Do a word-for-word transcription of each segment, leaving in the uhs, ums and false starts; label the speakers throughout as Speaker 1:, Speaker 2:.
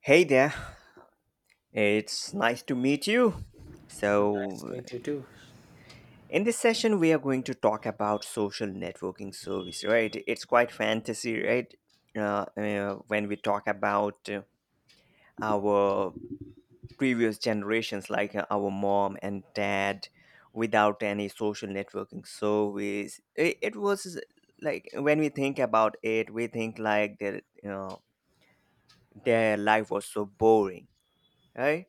Speaker 1: Hey there, it's nice to meet you.
Speaker 2: Nice to
Speaker 1: So,
Speaker 2: meet you too.
Speaker 1: in this session, we are going to talk about social networking service, right? It's quite fantasy, right? Uh, uh, when we talk about uh, our previous generations, like uh, our mom and dad, without any social networking service, it, it was like when we think about it, we think like their, you know, their life was so boring, right?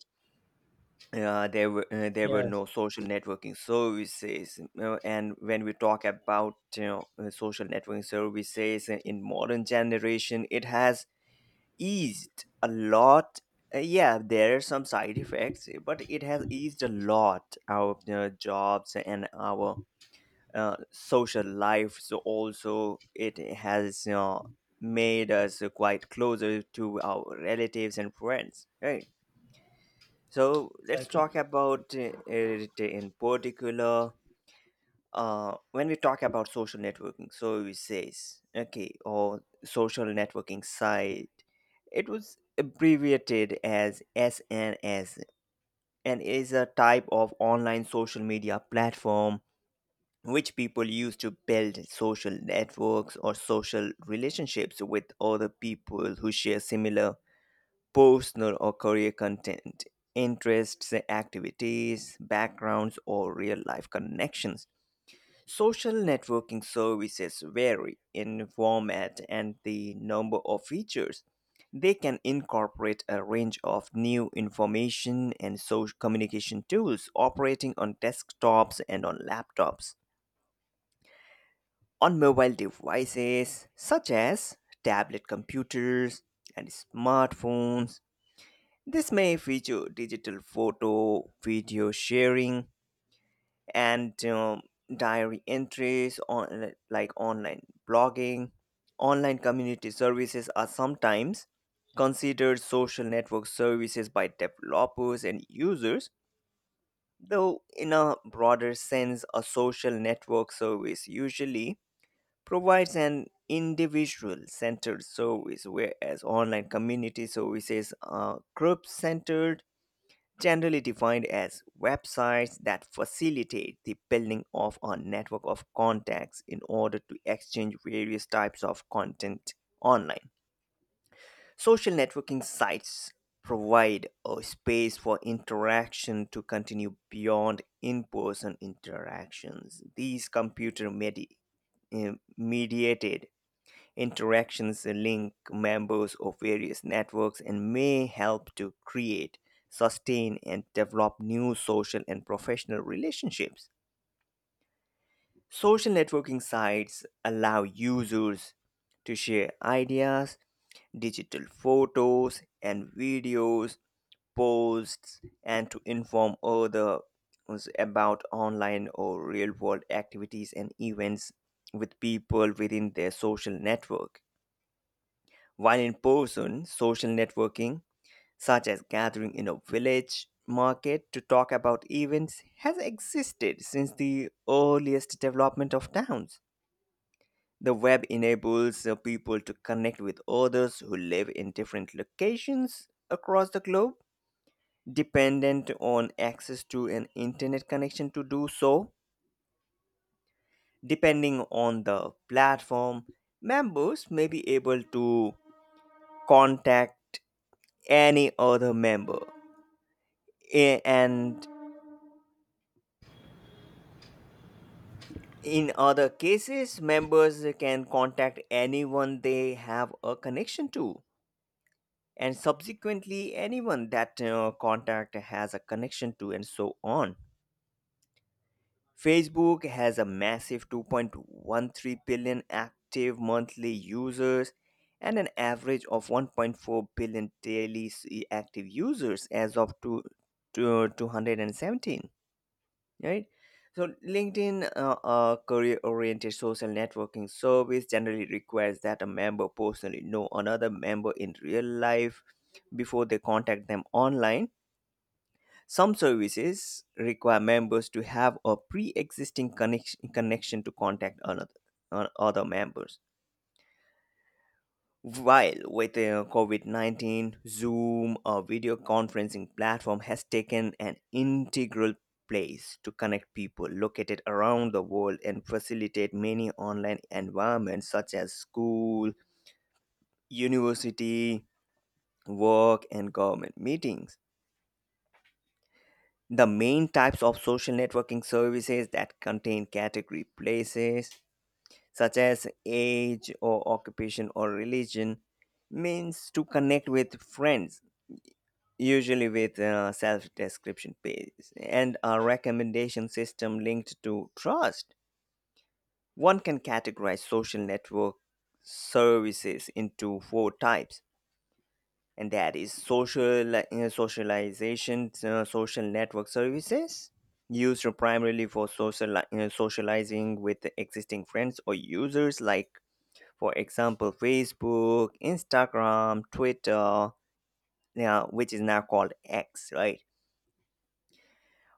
Speaker 1: uh, There were uh, there were
Speaker 2: Yes,
Speaker 1: no social networking services uh, and when we talk about you know uh, social networking services in in modern generation, it has eased a lot. Uh, yeah there are some side effects, but it has eased a lot our uh, jobs and our uh, social life. So also it has you know made us quite closer to our relatives and friends, right? So let's
Speaker 2: exactly.
Speaker 1: talk about uh, it in particular. Uh, when we talk about social networking, so we says okay, or social networking site. It was abbreviated as S N S and is a type of online social media platform which people use to build social networks or social relationships with other people who share similar personal or career content, interests, activities, backgrounds, or real life connections. Social networking services vary in format and the number of features. They can incorporate a range of new information and social communication tools operating on desktops and on laptops, on mobile devices such as tablet computers and smartphones. This may feature digital photo, video sharing, and um, diary entries on like online blogging. Online community services are sometimes considered social network services by developers and users, though in a broader sense, a social network service usually provides an individual centered service, whereas online community services are group centered, generally defined as websites that facilitate the building of a network of contacts in order to exchange various types of content online. Social networking sites provide a space for interaction to continue beyond in person interactions. These computer medi- eh, mediated interactions link members of various networks and may help to create, sustain, and develop new social and professional relationships. Social networking sites allow users to share ideas, digital photos and videos, posts, and to inform others about online or real world activities and events with people within their social network. While in person, social networking, such as gathering in a village market to talk about events, has existed since the earliest development of towns. The web enables uh, people to connect with others who live in different locations across the globe, dependent on access to an internet connection to do so. Depending on the platform, members may be able to contact any other member, A- and in other cases, members can contact anyone they have a connection to, and subsequently, anyone that uh, contact has a connection to, and so on. Facebook has a massive two point one three billion active monthly users and an average of one point four billion daily s- active users as of two, two, two hundred seventeen, right? So LinkedIn, uh, a career-oriented social networking service, generally requires that a member personally know another member in real life before they contact them online. Some services require members to have a pre-existing connection connection to contact another uh, other members, while with uh, COVID nineteen, Zoom, a video conferencing platform, has taken an integral place to connect people located around the world and facilitate many online environments such as school, university, work, and government meetings. The main types of social networking services that contain category places such as age or occupation or religion means to connect with friends, usually with a self-description page and a recommendation system linked to trust. One can categorize social network services into four types, and that is social uh, socialization. Uh, social network services used primarily for social uh, socializing with existing friends or users, like for example Facebook, Instagram, Twitter, yeah, which is now called X, right?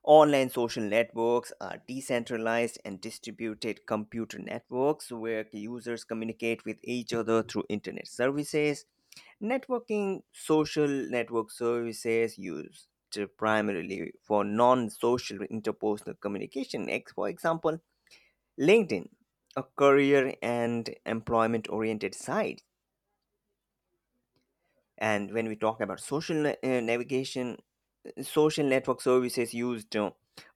Speaker 1: Online social networks are decentralized and distributed computer networks where users communicate with each other through internet services. Networking social network services used primarily for non social interpersonal communication, ex- for example, LinkedIn, a career and employment oriented site. And when we talk about social na- uh, navigation, social network services used uh,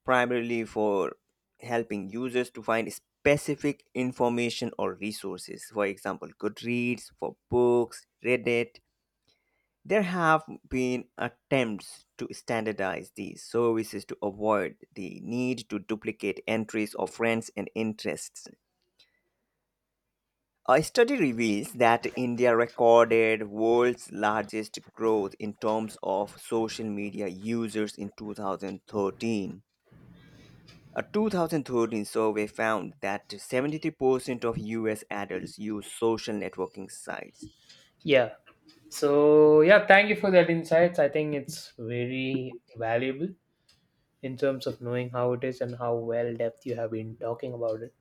Speaker 1: primarily for helping users to find specific information or resources. For example, Goodreads for books, Reddit. There have been attempts to standardize these services to avoid the need to duplicate entries of friends and interests. A study reveals that India recorded world's largest growth in terms of social media users in two thousand thirteen. A two thousand thirteen survey found that seventy-three percent of U S adults use social networking sites.
Speaker 2: Yeah. So yeah, thank you for that insights. I think it's very valuable in terms of knowing how it is and how well depth you have been talking about it.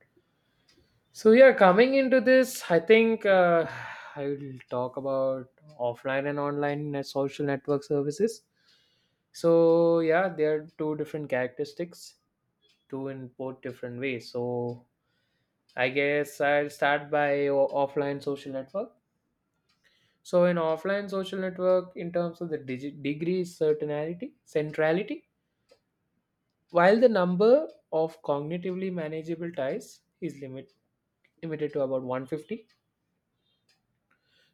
Speaker 2: So yeah, coming into this, I think uh, I will talk about offline and online net- social network services. So yeah, there are two different characteristics, two in both different ways. So I guess I'll start by o- offline social network. So in offline social network, in terms of the digi- degree certainty, centrality, while the number of cognitively manageable ties is limit, limited to about one hundred fifty,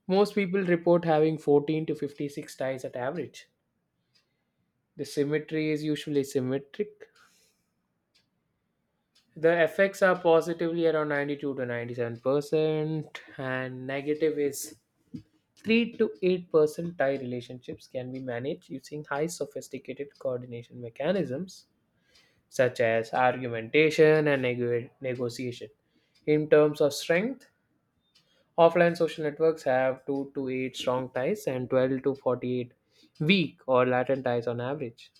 Speaker 2: most people report having fourteen to fifty-six ties at average. The symmetry is usually symmetric. The effects are positively around ninety-two to ninety-seven percent, and negative is three to eight percent. Tie relationships can be managed using high sophisticated coordination mechanisms such as argumentation and neg- negotiation. In terms of strength, offline social networks have two to eight strong ties and twelve to forty-eight weak or latent ties on average.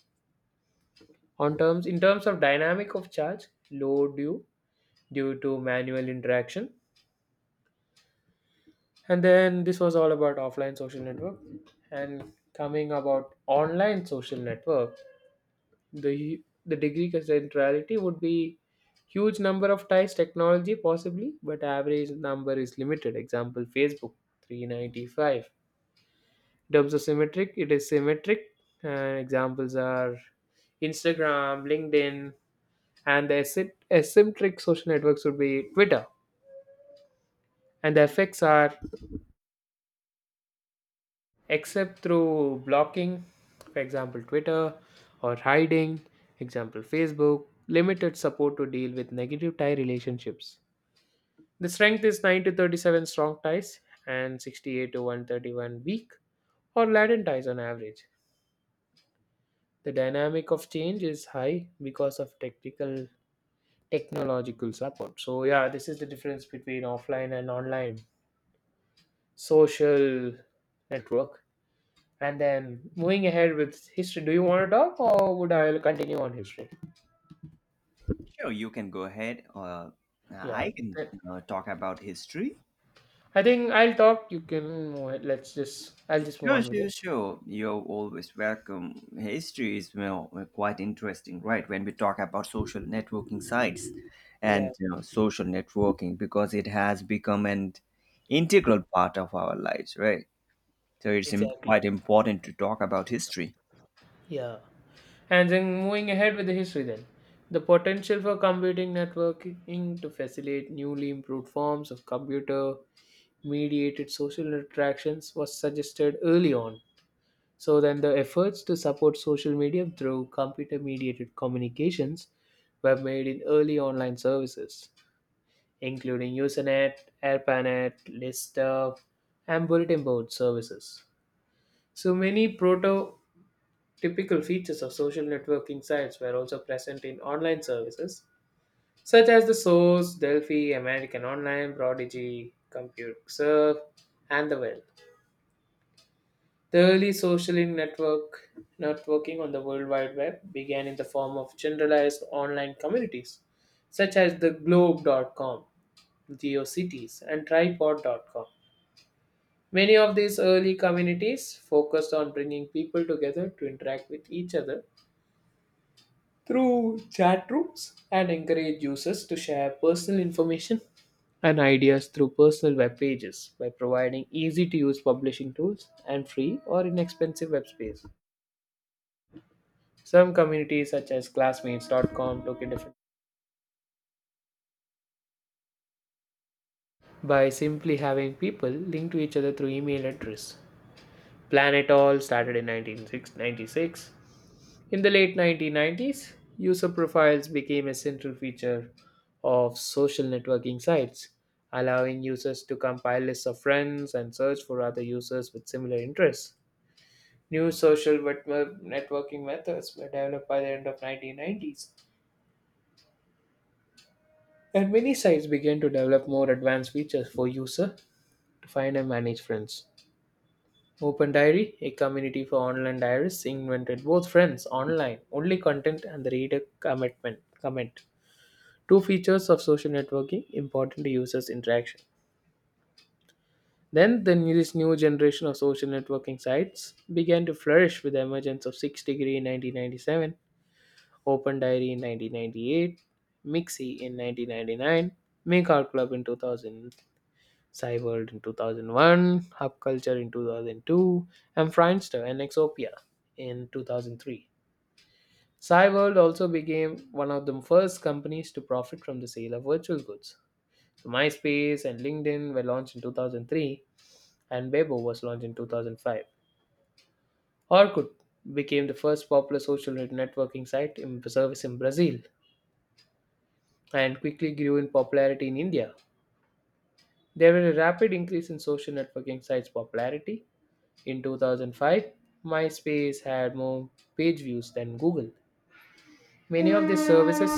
Speaker 2: On terms in terms of dynamic of charge, low due due to manual interaction. And then this was all about offline social network and coming about online social network. The the degree centrality would be huge number of ties technology possibly, but average number is limited. Example Facebook three hundred ninety-five. In terms of symmetric, it is symmetric. And examples are Instagram, LinkedIn, and the asy- asymmetric social networks would be Twitter. And the effects are except through blocking, for example, Twitter, or hiding, example, Facebook, limited support to deal with negative tie relationships. The strength is nine to thirty-seven strong ties and sixty-eight to one hundred thirty-one weak or latent ties on average. The dynamic of change is high because of technical technological support. So yeah, this is the difference between offline and online social network. And then moving ahead with history, do you want to talk or would I continue on history?
Speaker 1: Sure, you can go ahead. Uh,
Speaker 2: Yeah,
Speaker 1: I can
Speaker 2: th-
Speaker 1: uh, talk about history.
Speaker 2: I think I'll talk. You can move ahead. Let's just I'll just move
Speaker 1: Sure,
Speaker 2: on with it.
Speaker 1: sure, sure. You're always welcome. History is well, quite interesting, right? When we talk about social networking sites
Speaker 2: Yeah,
Speaker 1: and you know, social networking, because it has become an integral part of our lives, right? So it's im-
Speaker 2: exactly.
Speaker 1: quite important to talk about history.
Speaker 2: Yeah. And then moving ahead with the history, then the potential for computing networking to facilitate newly improved forms of computer mediated social interactions was suggested early on. So, then the efforts to support social media through computer mediated communications were made in early online services, including Usenet, AirPanet, Lister, and bulletin board services. So, many proto Typical features of social networking sites were also present in online services such as The Source, Delphi, American Online, Prodigy, ComputeServe, and The Well. The early social network networking on the World Wide Web began in the form of generalized online communities such as the globe dot com, geocities, and tripod dot com. Many of these early communities focused on bringing people together to interact with each other through chat rooms and encourage users to share personal information and ideas through personal web pages by providing easy to use publishing tools and free or inexpensive web space. Some communities such as classmates dot com took a different by simply having people linked to each other through email address. Planet All started in nineteen ninety-six. In the late nineteen nineties, user profiles became a central feature of social networking sites, allowing users to compile lists of friends and search for other users with similar interests. New social wet- networking methods were developed by the end of nineteen nineties, and many sites began to develop more advanced features for user to find and manage friends. Open Diary, a community for online diaries, invented both friends online, only content, and the reader commitment. Comment. Two features of social networking important to users' interaction. Then, the new, this new generation of social networking sites began to flourish with the emergence of six Degree in nineteen ninety-seven, Open Diary in nineteen ninety-eight, Mixi in nineteen ninety-nine, Make Art Club in two thousand, Cyworld in two thousand one, Hub Culture in two thousand two, and Friendster and Exopia in two thousand three. Cyworld also became one of the first companies to profit from the sale of virtual goods. So MySpace and LinkedIn were launched in two thousand three, and Weibo was launched in two thousand five. Orkut became the first popular social networking site in service in Brazil and quickly grew in popularity in India. There was a rapid increase in social networking sites' popularity. In two thousand five, MySpace had more page views than Google. Many of these services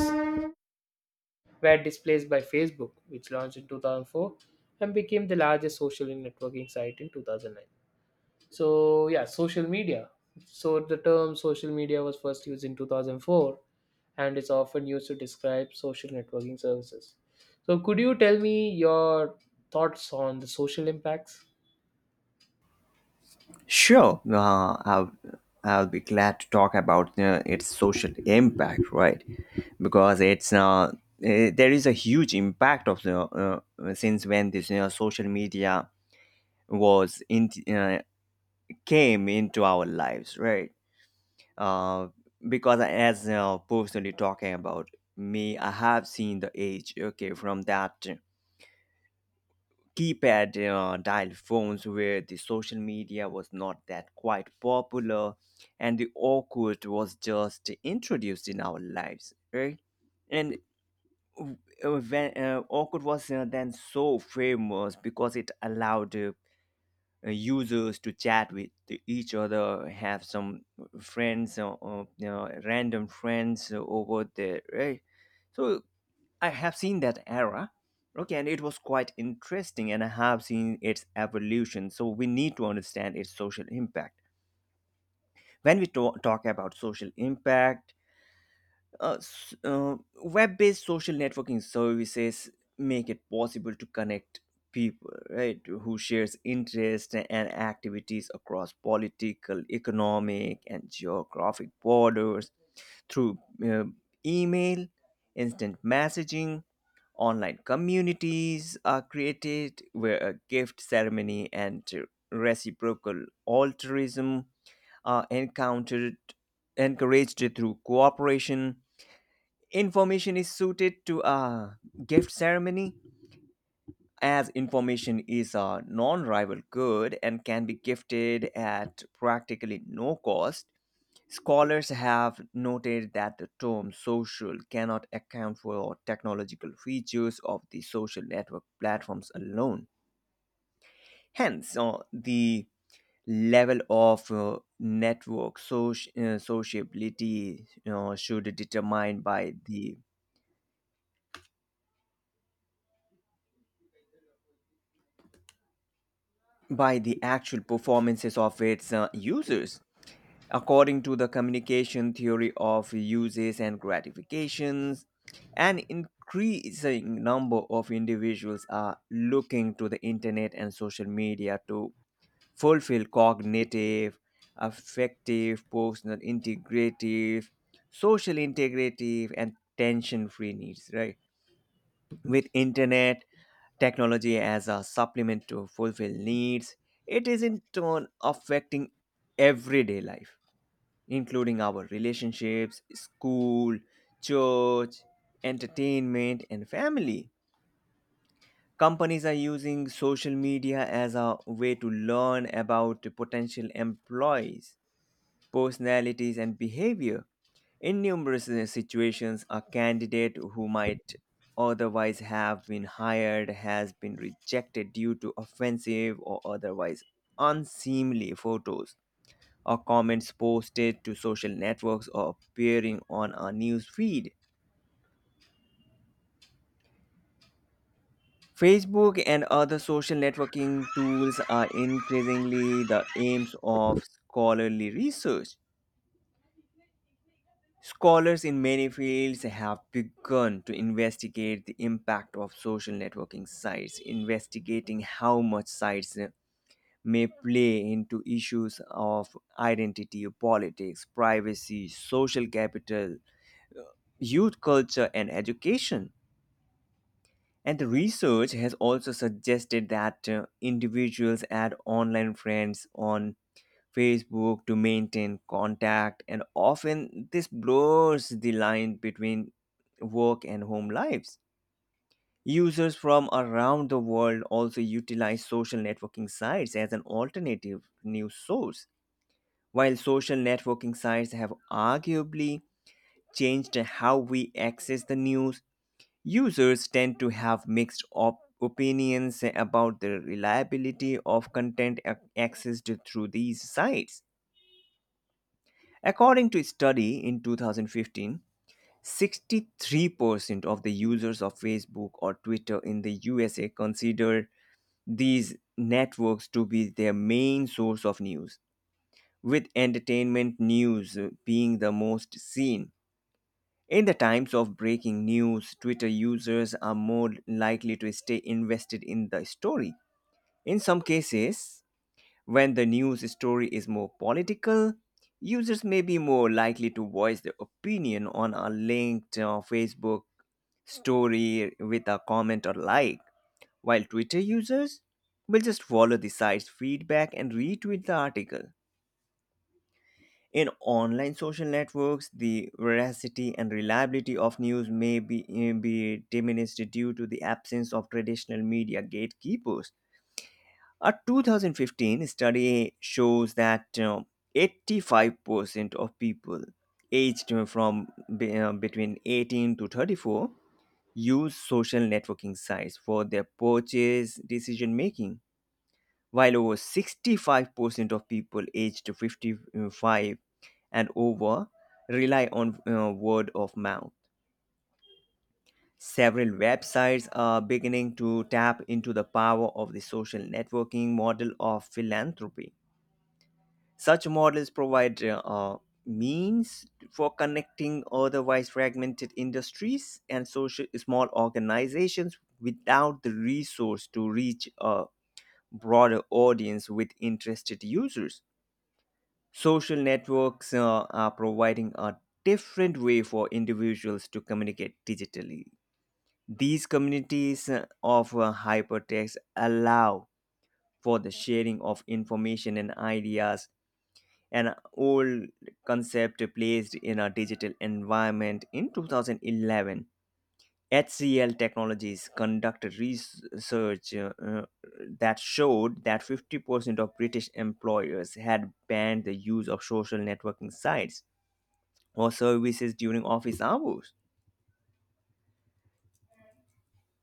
Speaker 2: were displaced by Facebook, which launched in two thousand four and became the largest social networking site in two thousand nine. So yeah, social media. So the term social media was first used in two thousand four and it's often used to describe social networking services. So could you tell me your thoughts on the social impacts?
Speaker 1: Sure, uh, I'll, I'll be glad to talk about uh, its social impact, right? Because it's uh, eh, there is a huge impact of the uh, since when this you know, social media was in uh, came into our lives, right? Uh, because as uh, personally talking about me, I have seen the age. Okay, from that keypad uh, dial phones where the social media was not that quite popular and the awkward was just introduced in our lives, right? And uh, when uh, awkward was uh, then so famous because it allowed uh, uh, users to chat with each other, have some friends, uh, uh, you know, random friends over there, right? So I have seen that era. Okay, and it was quite interesting, and I have seen its evolution. So we need to understand its social impact. When we to- talk about social impact, uh, s- uh, web-based social networking services make it possible to connect people, right, who shares interests and activities across political, economic, and geographic borders through uh, email, instant messaging. Online communities are created where a gift ceremony and reciprocal altruism are encountered, encouraged through cooperation. Information is suited to a gift ceremony as information is a non rival good and can be gifted at practically no cost. Scholars have noted that the term social cannot account for technological features of the social network platforms alone. Hence, uh, the level of uh, network soci- uh, sociability you know, should determine by the by the actual performances of its uh, users. According to the communication theory of uses and gratifications, an increasing number of individuals are looking to the internet and social media to fulfill cognitive, affective, personal integrative, social integrative, and tension free needs, right? With internet technology as a supplement to fulfill needs, it is in turn affecting everyday life, including our relationships, school, church, entertainment, and family. Companies are using social media as a way to learn about potential employees personalities, and behavior. In numerous uh, situations, a candidate who might otherwise have been hired has been rejected due to offensive or otherwise unseemly photos or comments posted to social networks or appearing on a news feed. Facebook and other social networking tools are increasingly the aims of scholarly research. Scholars in many fields have begun to investigate the impact of social networking sites, investigating how much sites may play into issues of identity, politics, privacy, social capital, youth culture, and education. And the research has also suggested that uh, individuals add online friends on Facebook to maintain contact, and often this blurs the line between work and home lives. Users from around the world also utilize social networking sites as an alternative news source. While social networking sites have arguably changed how we access the news, users tend to have mixed op- opinions about the reliability of content ac- accessed through these sites. According to a study in two thousand fifteen, sixty-three percent of the users of Facebook or Twitter in the U S A consider these networks to be their main source of news, with entertainment news being the most seen. In the times of breaking news, Twitter users are more likely to stay invested in the story. In some cases, when the news story is more political, users may be more likely to voice their opinion on a linked uh, Facebook story with a comment or like, while Twitter users will just follow the site's feedback and retweet the article. In online social networks, the veracity and reliability of news may be, eh, be diminished due to the absence of traditional media gatekeepers. A twenty fifteen study shows that uh, eighty-five percent of people aged from be- uh, between eighteen to thirty-four use social networking sites for their purchase decision making, while over sixty-five percent of people aged fifty-five and over rely on uh, word of mouth. Several websites are beginning to tap into the power of the social networking model of philanthropy. Such models provide uh, means for connecting otherwise fragmented industries and social small organizations without the resource to reach a broader audience with interested users. Social networks uh, are providing a different way for individuals to communicate digitally. These communities uh, of uh, hypertext allow for the sharing of information and ideas, an old concept placed in a digital environment. In two thousand eleven, HCL Technologies conducted research uh, uh, that showed that fifty percent of British employers had banned the use of social networking sites or services during office hours.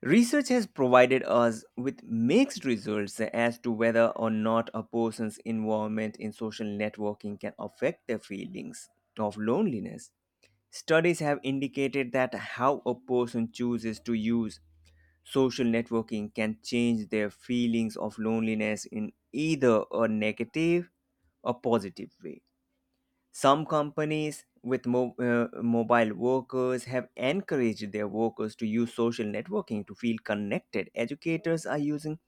Speaker 1: Research has provided us with mixed results as to whether or not a person's involvement in social networking can affect their feelings of loneliness. Studies have indicated that how a person chooses to use social networking can change their feelings of loneliness in either a negative or positive way. Some companies with mo- uh, mobile workers have encouraged their workers to use social networking to feel connected. Educators are using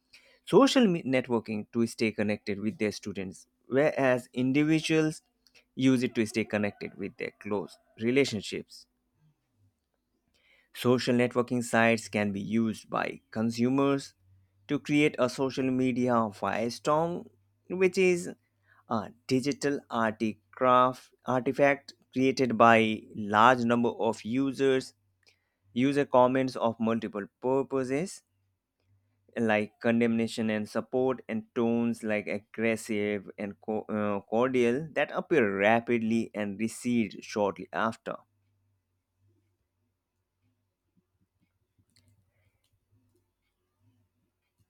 Speaker 1: social me- networking to stay connected with their students, whereas individuals use it to stay connected with their close relationships. Social networking sites can be used by consumers to create a social media firestorm, which is a digital articraft- artifact created by large number of users, user comments of multiple purposes like condemnation and support and tones like aggressive and co- uh, cordial that appear rapidly and recede shortly after.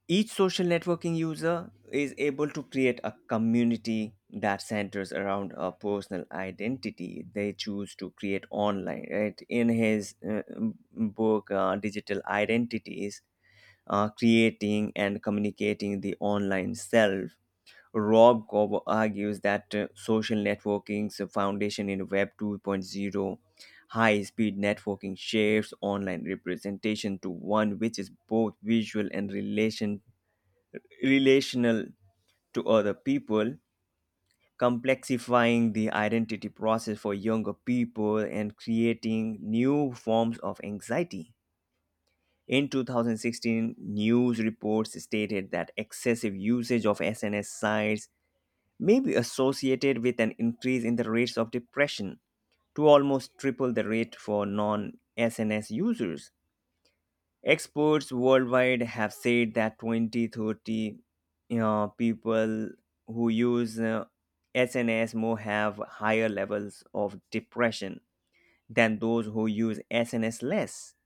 Speaker 1: Each social networking user is able to create a community that centers around a personal identity they choose to create online. Right? In his uh, book, uh, Digital Identities, uh, Creating and Communicating the Online Self, Rob Cobb argues that uh, social networking's foundation in Web 2.0 high speed networking shifts online representation to one which is both visual and relation relational to other people, complexifying the identity process for younger people and creating new forms of anxiety. In two thousand sixteen, news reports stated that excessive usage of S N S sites may be associated with an increase in the rates of depression to almost triple the rate for non S N S users. Experts worldwide have said that twenty thirty, 30 uh, people who use uh, S N S more have higher levels of depression than those who use S N S less.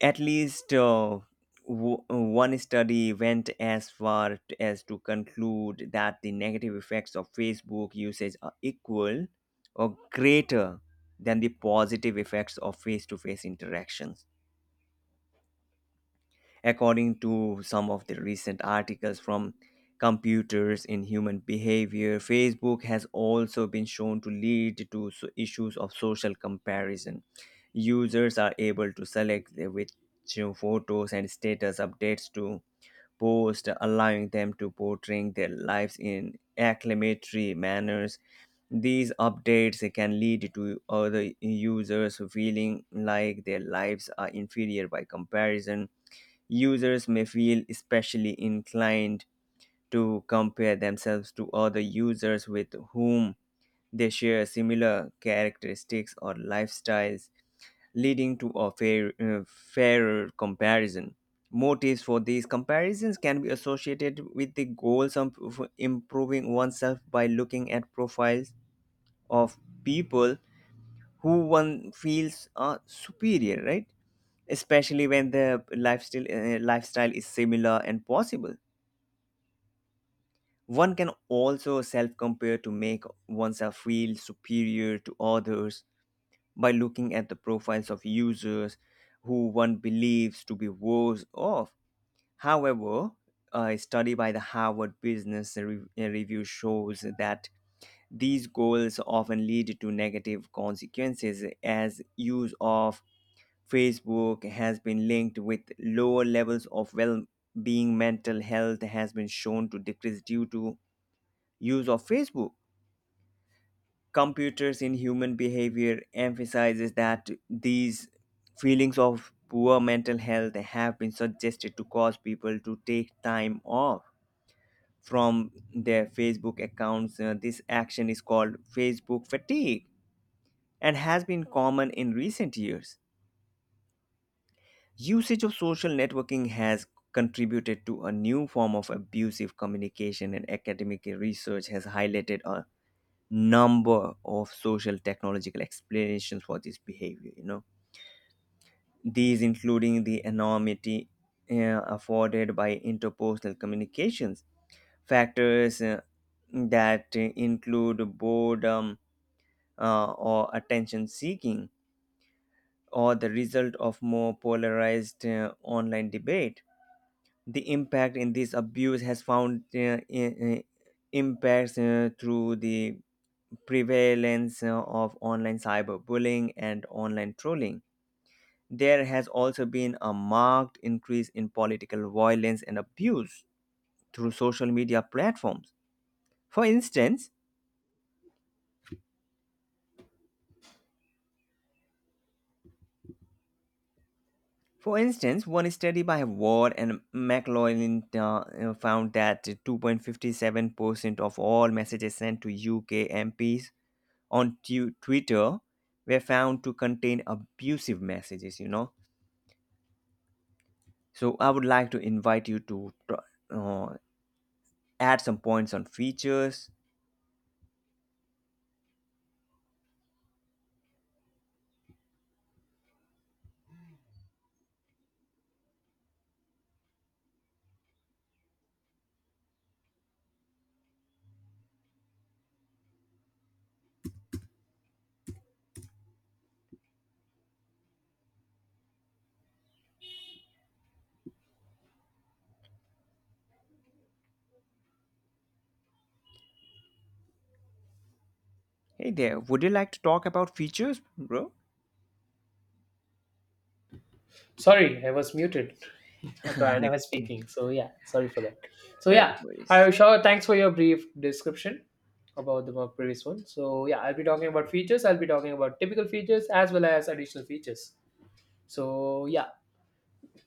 Speaker 1: At least uh, w- one study went as far t- as to conclude that the negative effects of Facebook usage are equal or greater than the positive effects of face to face interactions. According to some of the recent articles from Computers in Human Behavior, Facebook has also been shown to lead to so- issues of social comparison. Users are able to select the- which photos and status updates to post, allowing them to portray their lives in acclamatory manners. These updates can lead to other users feeling like their lives are inferior by comparison. Users may feel especially inclined to compare themselves to other users with whom they share similar characteristics or lifestyles, leading to a fair, uh, fairer comparison. Motives for these comparisons can be associated with the goals of improving oneself by looking at profiles of people who one feels uh, superior, right? Especially when the lifestyle uh, lifestyle is similar and possible. One can also self compare to make oneself feel superior to others by looking at the profiles of users who one believes to be worse off. However, a study by the Harvard Business Re- uh, Review shows that these goals often lead to negative consequences, as use of Facebook has been linked with lower levels of well being. Mental health has been shown to decrease due to use of Facebook. Computers in Human Behavior emphasizes that these feelings of poor mental health have been suggested to cause people to take time off from their Facebook accounts. Uh, this action is called Facebook fatigue and has been common in recent years. Usage of social networking has contributed to a new form of abusive communication, and academic research has highlighted a number of social technological explanations for this behavior. You know, these including the anonymity uh, afforded by interpersonal communications, factors uh, that include boredom uh, or attention seeking, or the result of more polarized uh, online debate. The impact in this abuse has found uh, i- i- impacts uh, through the prevalence uh, of online cyberbullying and online trolling. There has also been a marked increase in political violence and abuse through social media platforms. For instance, for instance, one study by Ward and McLaughlin uh, uh, found that two point five seven percent of all messages sent to U K M Ps on tu- Twitter were found to contain abusive messages, you know. So I would like to invite you to uh, add some points on features. Hey there, would you like to talk about features, bro?
Speaker 2: Sorry, I was muted. I thought I was
Speaker 1: Okay.
Speaker 2: speaking. So yeah, sorry for that. So
Speaker 1: Uh,
Speaker 2: yeah, I
Speaker 1: worries.
Speaker 2: sure thanks for your brief description about the more previous one. So yeah, I'll be talking about features. I'll be talking about typical features as well as additional features. So yeah,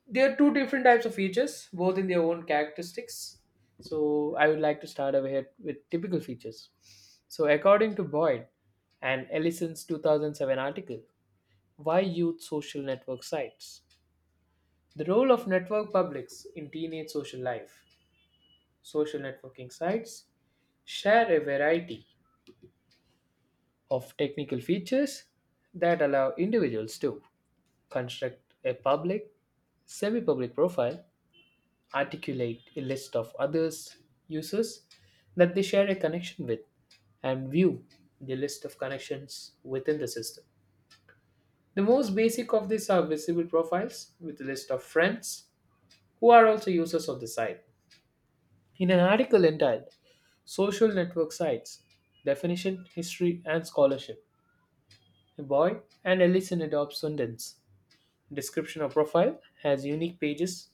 Speaker 2: there are two different types of features, both in their own characteristics. So I would like to start ahead with typical features. So according to Boyd and Ellison's two thousand seven article, "Why Youth Social Network Sites? The Role of Network Publics in Teenage Social Life." Social networking sites share a variety of technical features that allow individuals to construct a public, semi public profile, articulate a list of others users that they share a connection with, and view the list of connections within the system. The most basic of these are visible profiles with a list of friends who are also users of the site. In an article entitled "Social Network Sites: Definition, History, and Scholarship," a boy and Ellison adopts Sundance. Description of profile has unique pages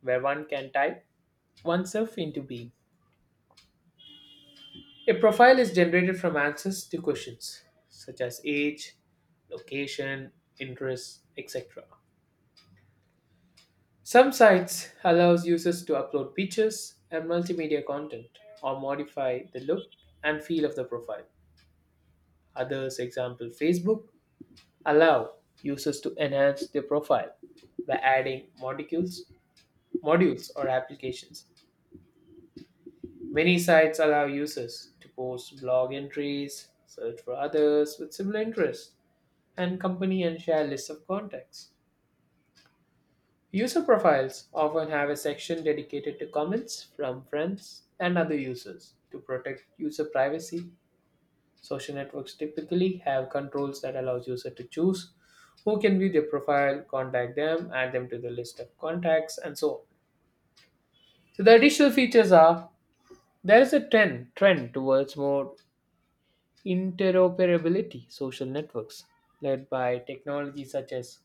Speaker 2: where one can type oneself into being. A profile is generated from answers to questions such as age, location, interests, et cetera. Some sites allows users to upload pictures and multimedia content or modify the look and feel of the profile. Others, example Facebook, allow users to enhance their profile by adding modules, modules or applications. Many sites allow users to post blog entries, search for others with similar interests, and company and share lists of contacts. User profiles often have a section dedicated to comments from friends and other users to protect user privacy. Social networks typically have controls that allows user to choose who can view their profile, contact them, add them to the list of contacts, and so on. So the additional features are there is a trend trend towards more interoperability social networks led by technologies such as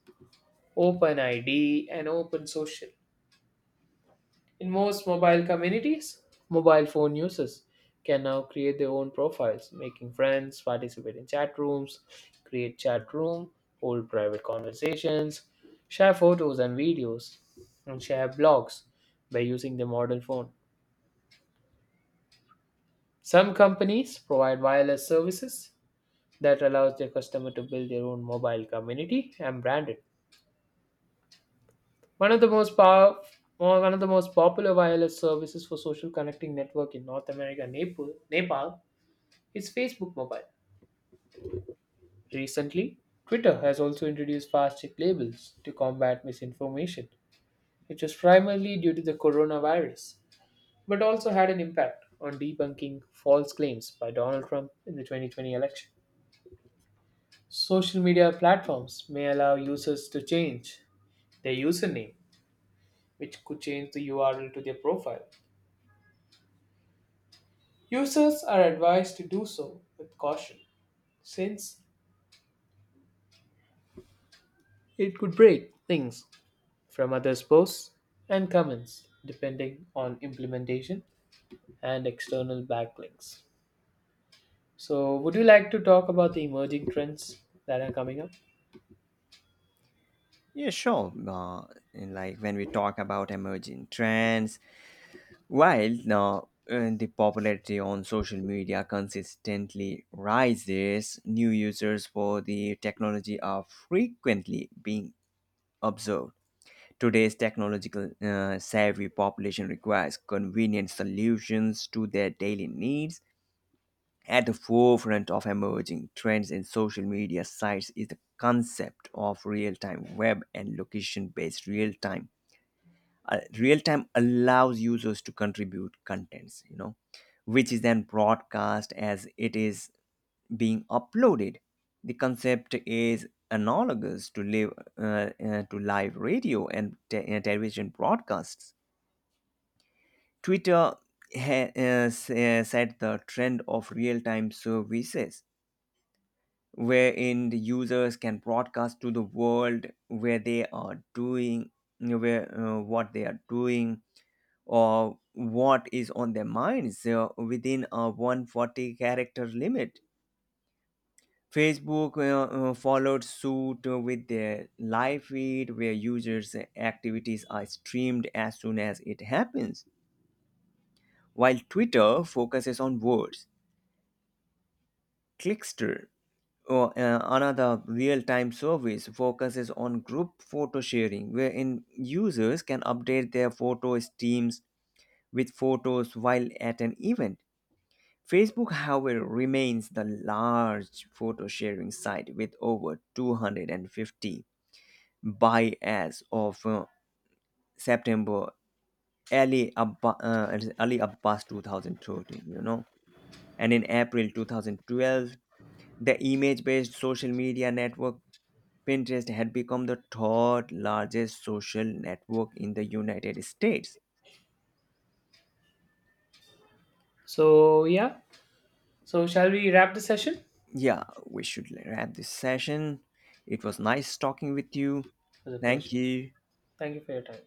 Speaker 2: OpenID and OpenSocial. In most mobile communities, mobile phone users can now create their own profiles, making friends, participate in chat rooms, create chat room, hold private conversations, share photos and videos, and share blogs by using the modern phone. Some companies provide wireless services that allows their customer to build their own mobile community and brand it. One of the most powerful one of the most popular wireless services for social connecting network in North America, Nepal, Nepal is Facebook Mobile. Recently, Twitter has also introduced fast check labels to combat misinformation, which was primarily due to the coronavirus, but also had an impact on debunking false claims by Donald Trump in the twenty twenty election. Social media platforms may allow users to change their username, which could change the U R L to their profile. Users are advised to do so with caution, since it could break things from others' posts and comments, depending on implementation and external backlinks. So, would you like to talk about the emerging trends that are coming up?
Speaker 1: Yeah, sure. Uh, and like, when we talk about emerging trends, while uh, uh, the popularity on social media consistently rises, new users for the technology are frequently being observed. Today's technological uh, savvy population requires convenient solutions to their daily needs. At the forefront of emerging trends in social media sites is the concept of real time web and location based real time. Uh, real time allows users to contribute contents, you know, which is then broadcast as it is being uploaded. The concept is analogous to live uh, uh, to live radio and te- uh, television broadcasts. Twitter ha- uh, s- uh, set the trend of real-time services wherein the users can broadcast to the world where they are doing where uh, what they are doing or what is on their minds uh, within a one forty character limit. Facebook uh, uh, followed suit with their live feed, where users' activities are streamed as soon as it happens, while Twitter focuses on words. Clickster, or, uh, another real time service, focuses on group photo sharing, wherein users can update their photo streams with photos while at an event. Facebook, however, remains the large photo sharing site with over two hundred fifty. By, as of uh, September, early Abba, uh, early Abbas two thousand thirteen, you know. And in April two thousand twelve, the image based social media network Pinterest had become the third largest social network in the United States.
Speaker 2: So, yeah. So, shall we wrap the session? It
Speaker 1: Yeah, we should wrap this session. It was nice talking with you.
Speaker 2: was a
Speaker 1: Thank
Speaker 2: pleasure.
Speaker 1: you.
Speaker 2: Thank you for your time.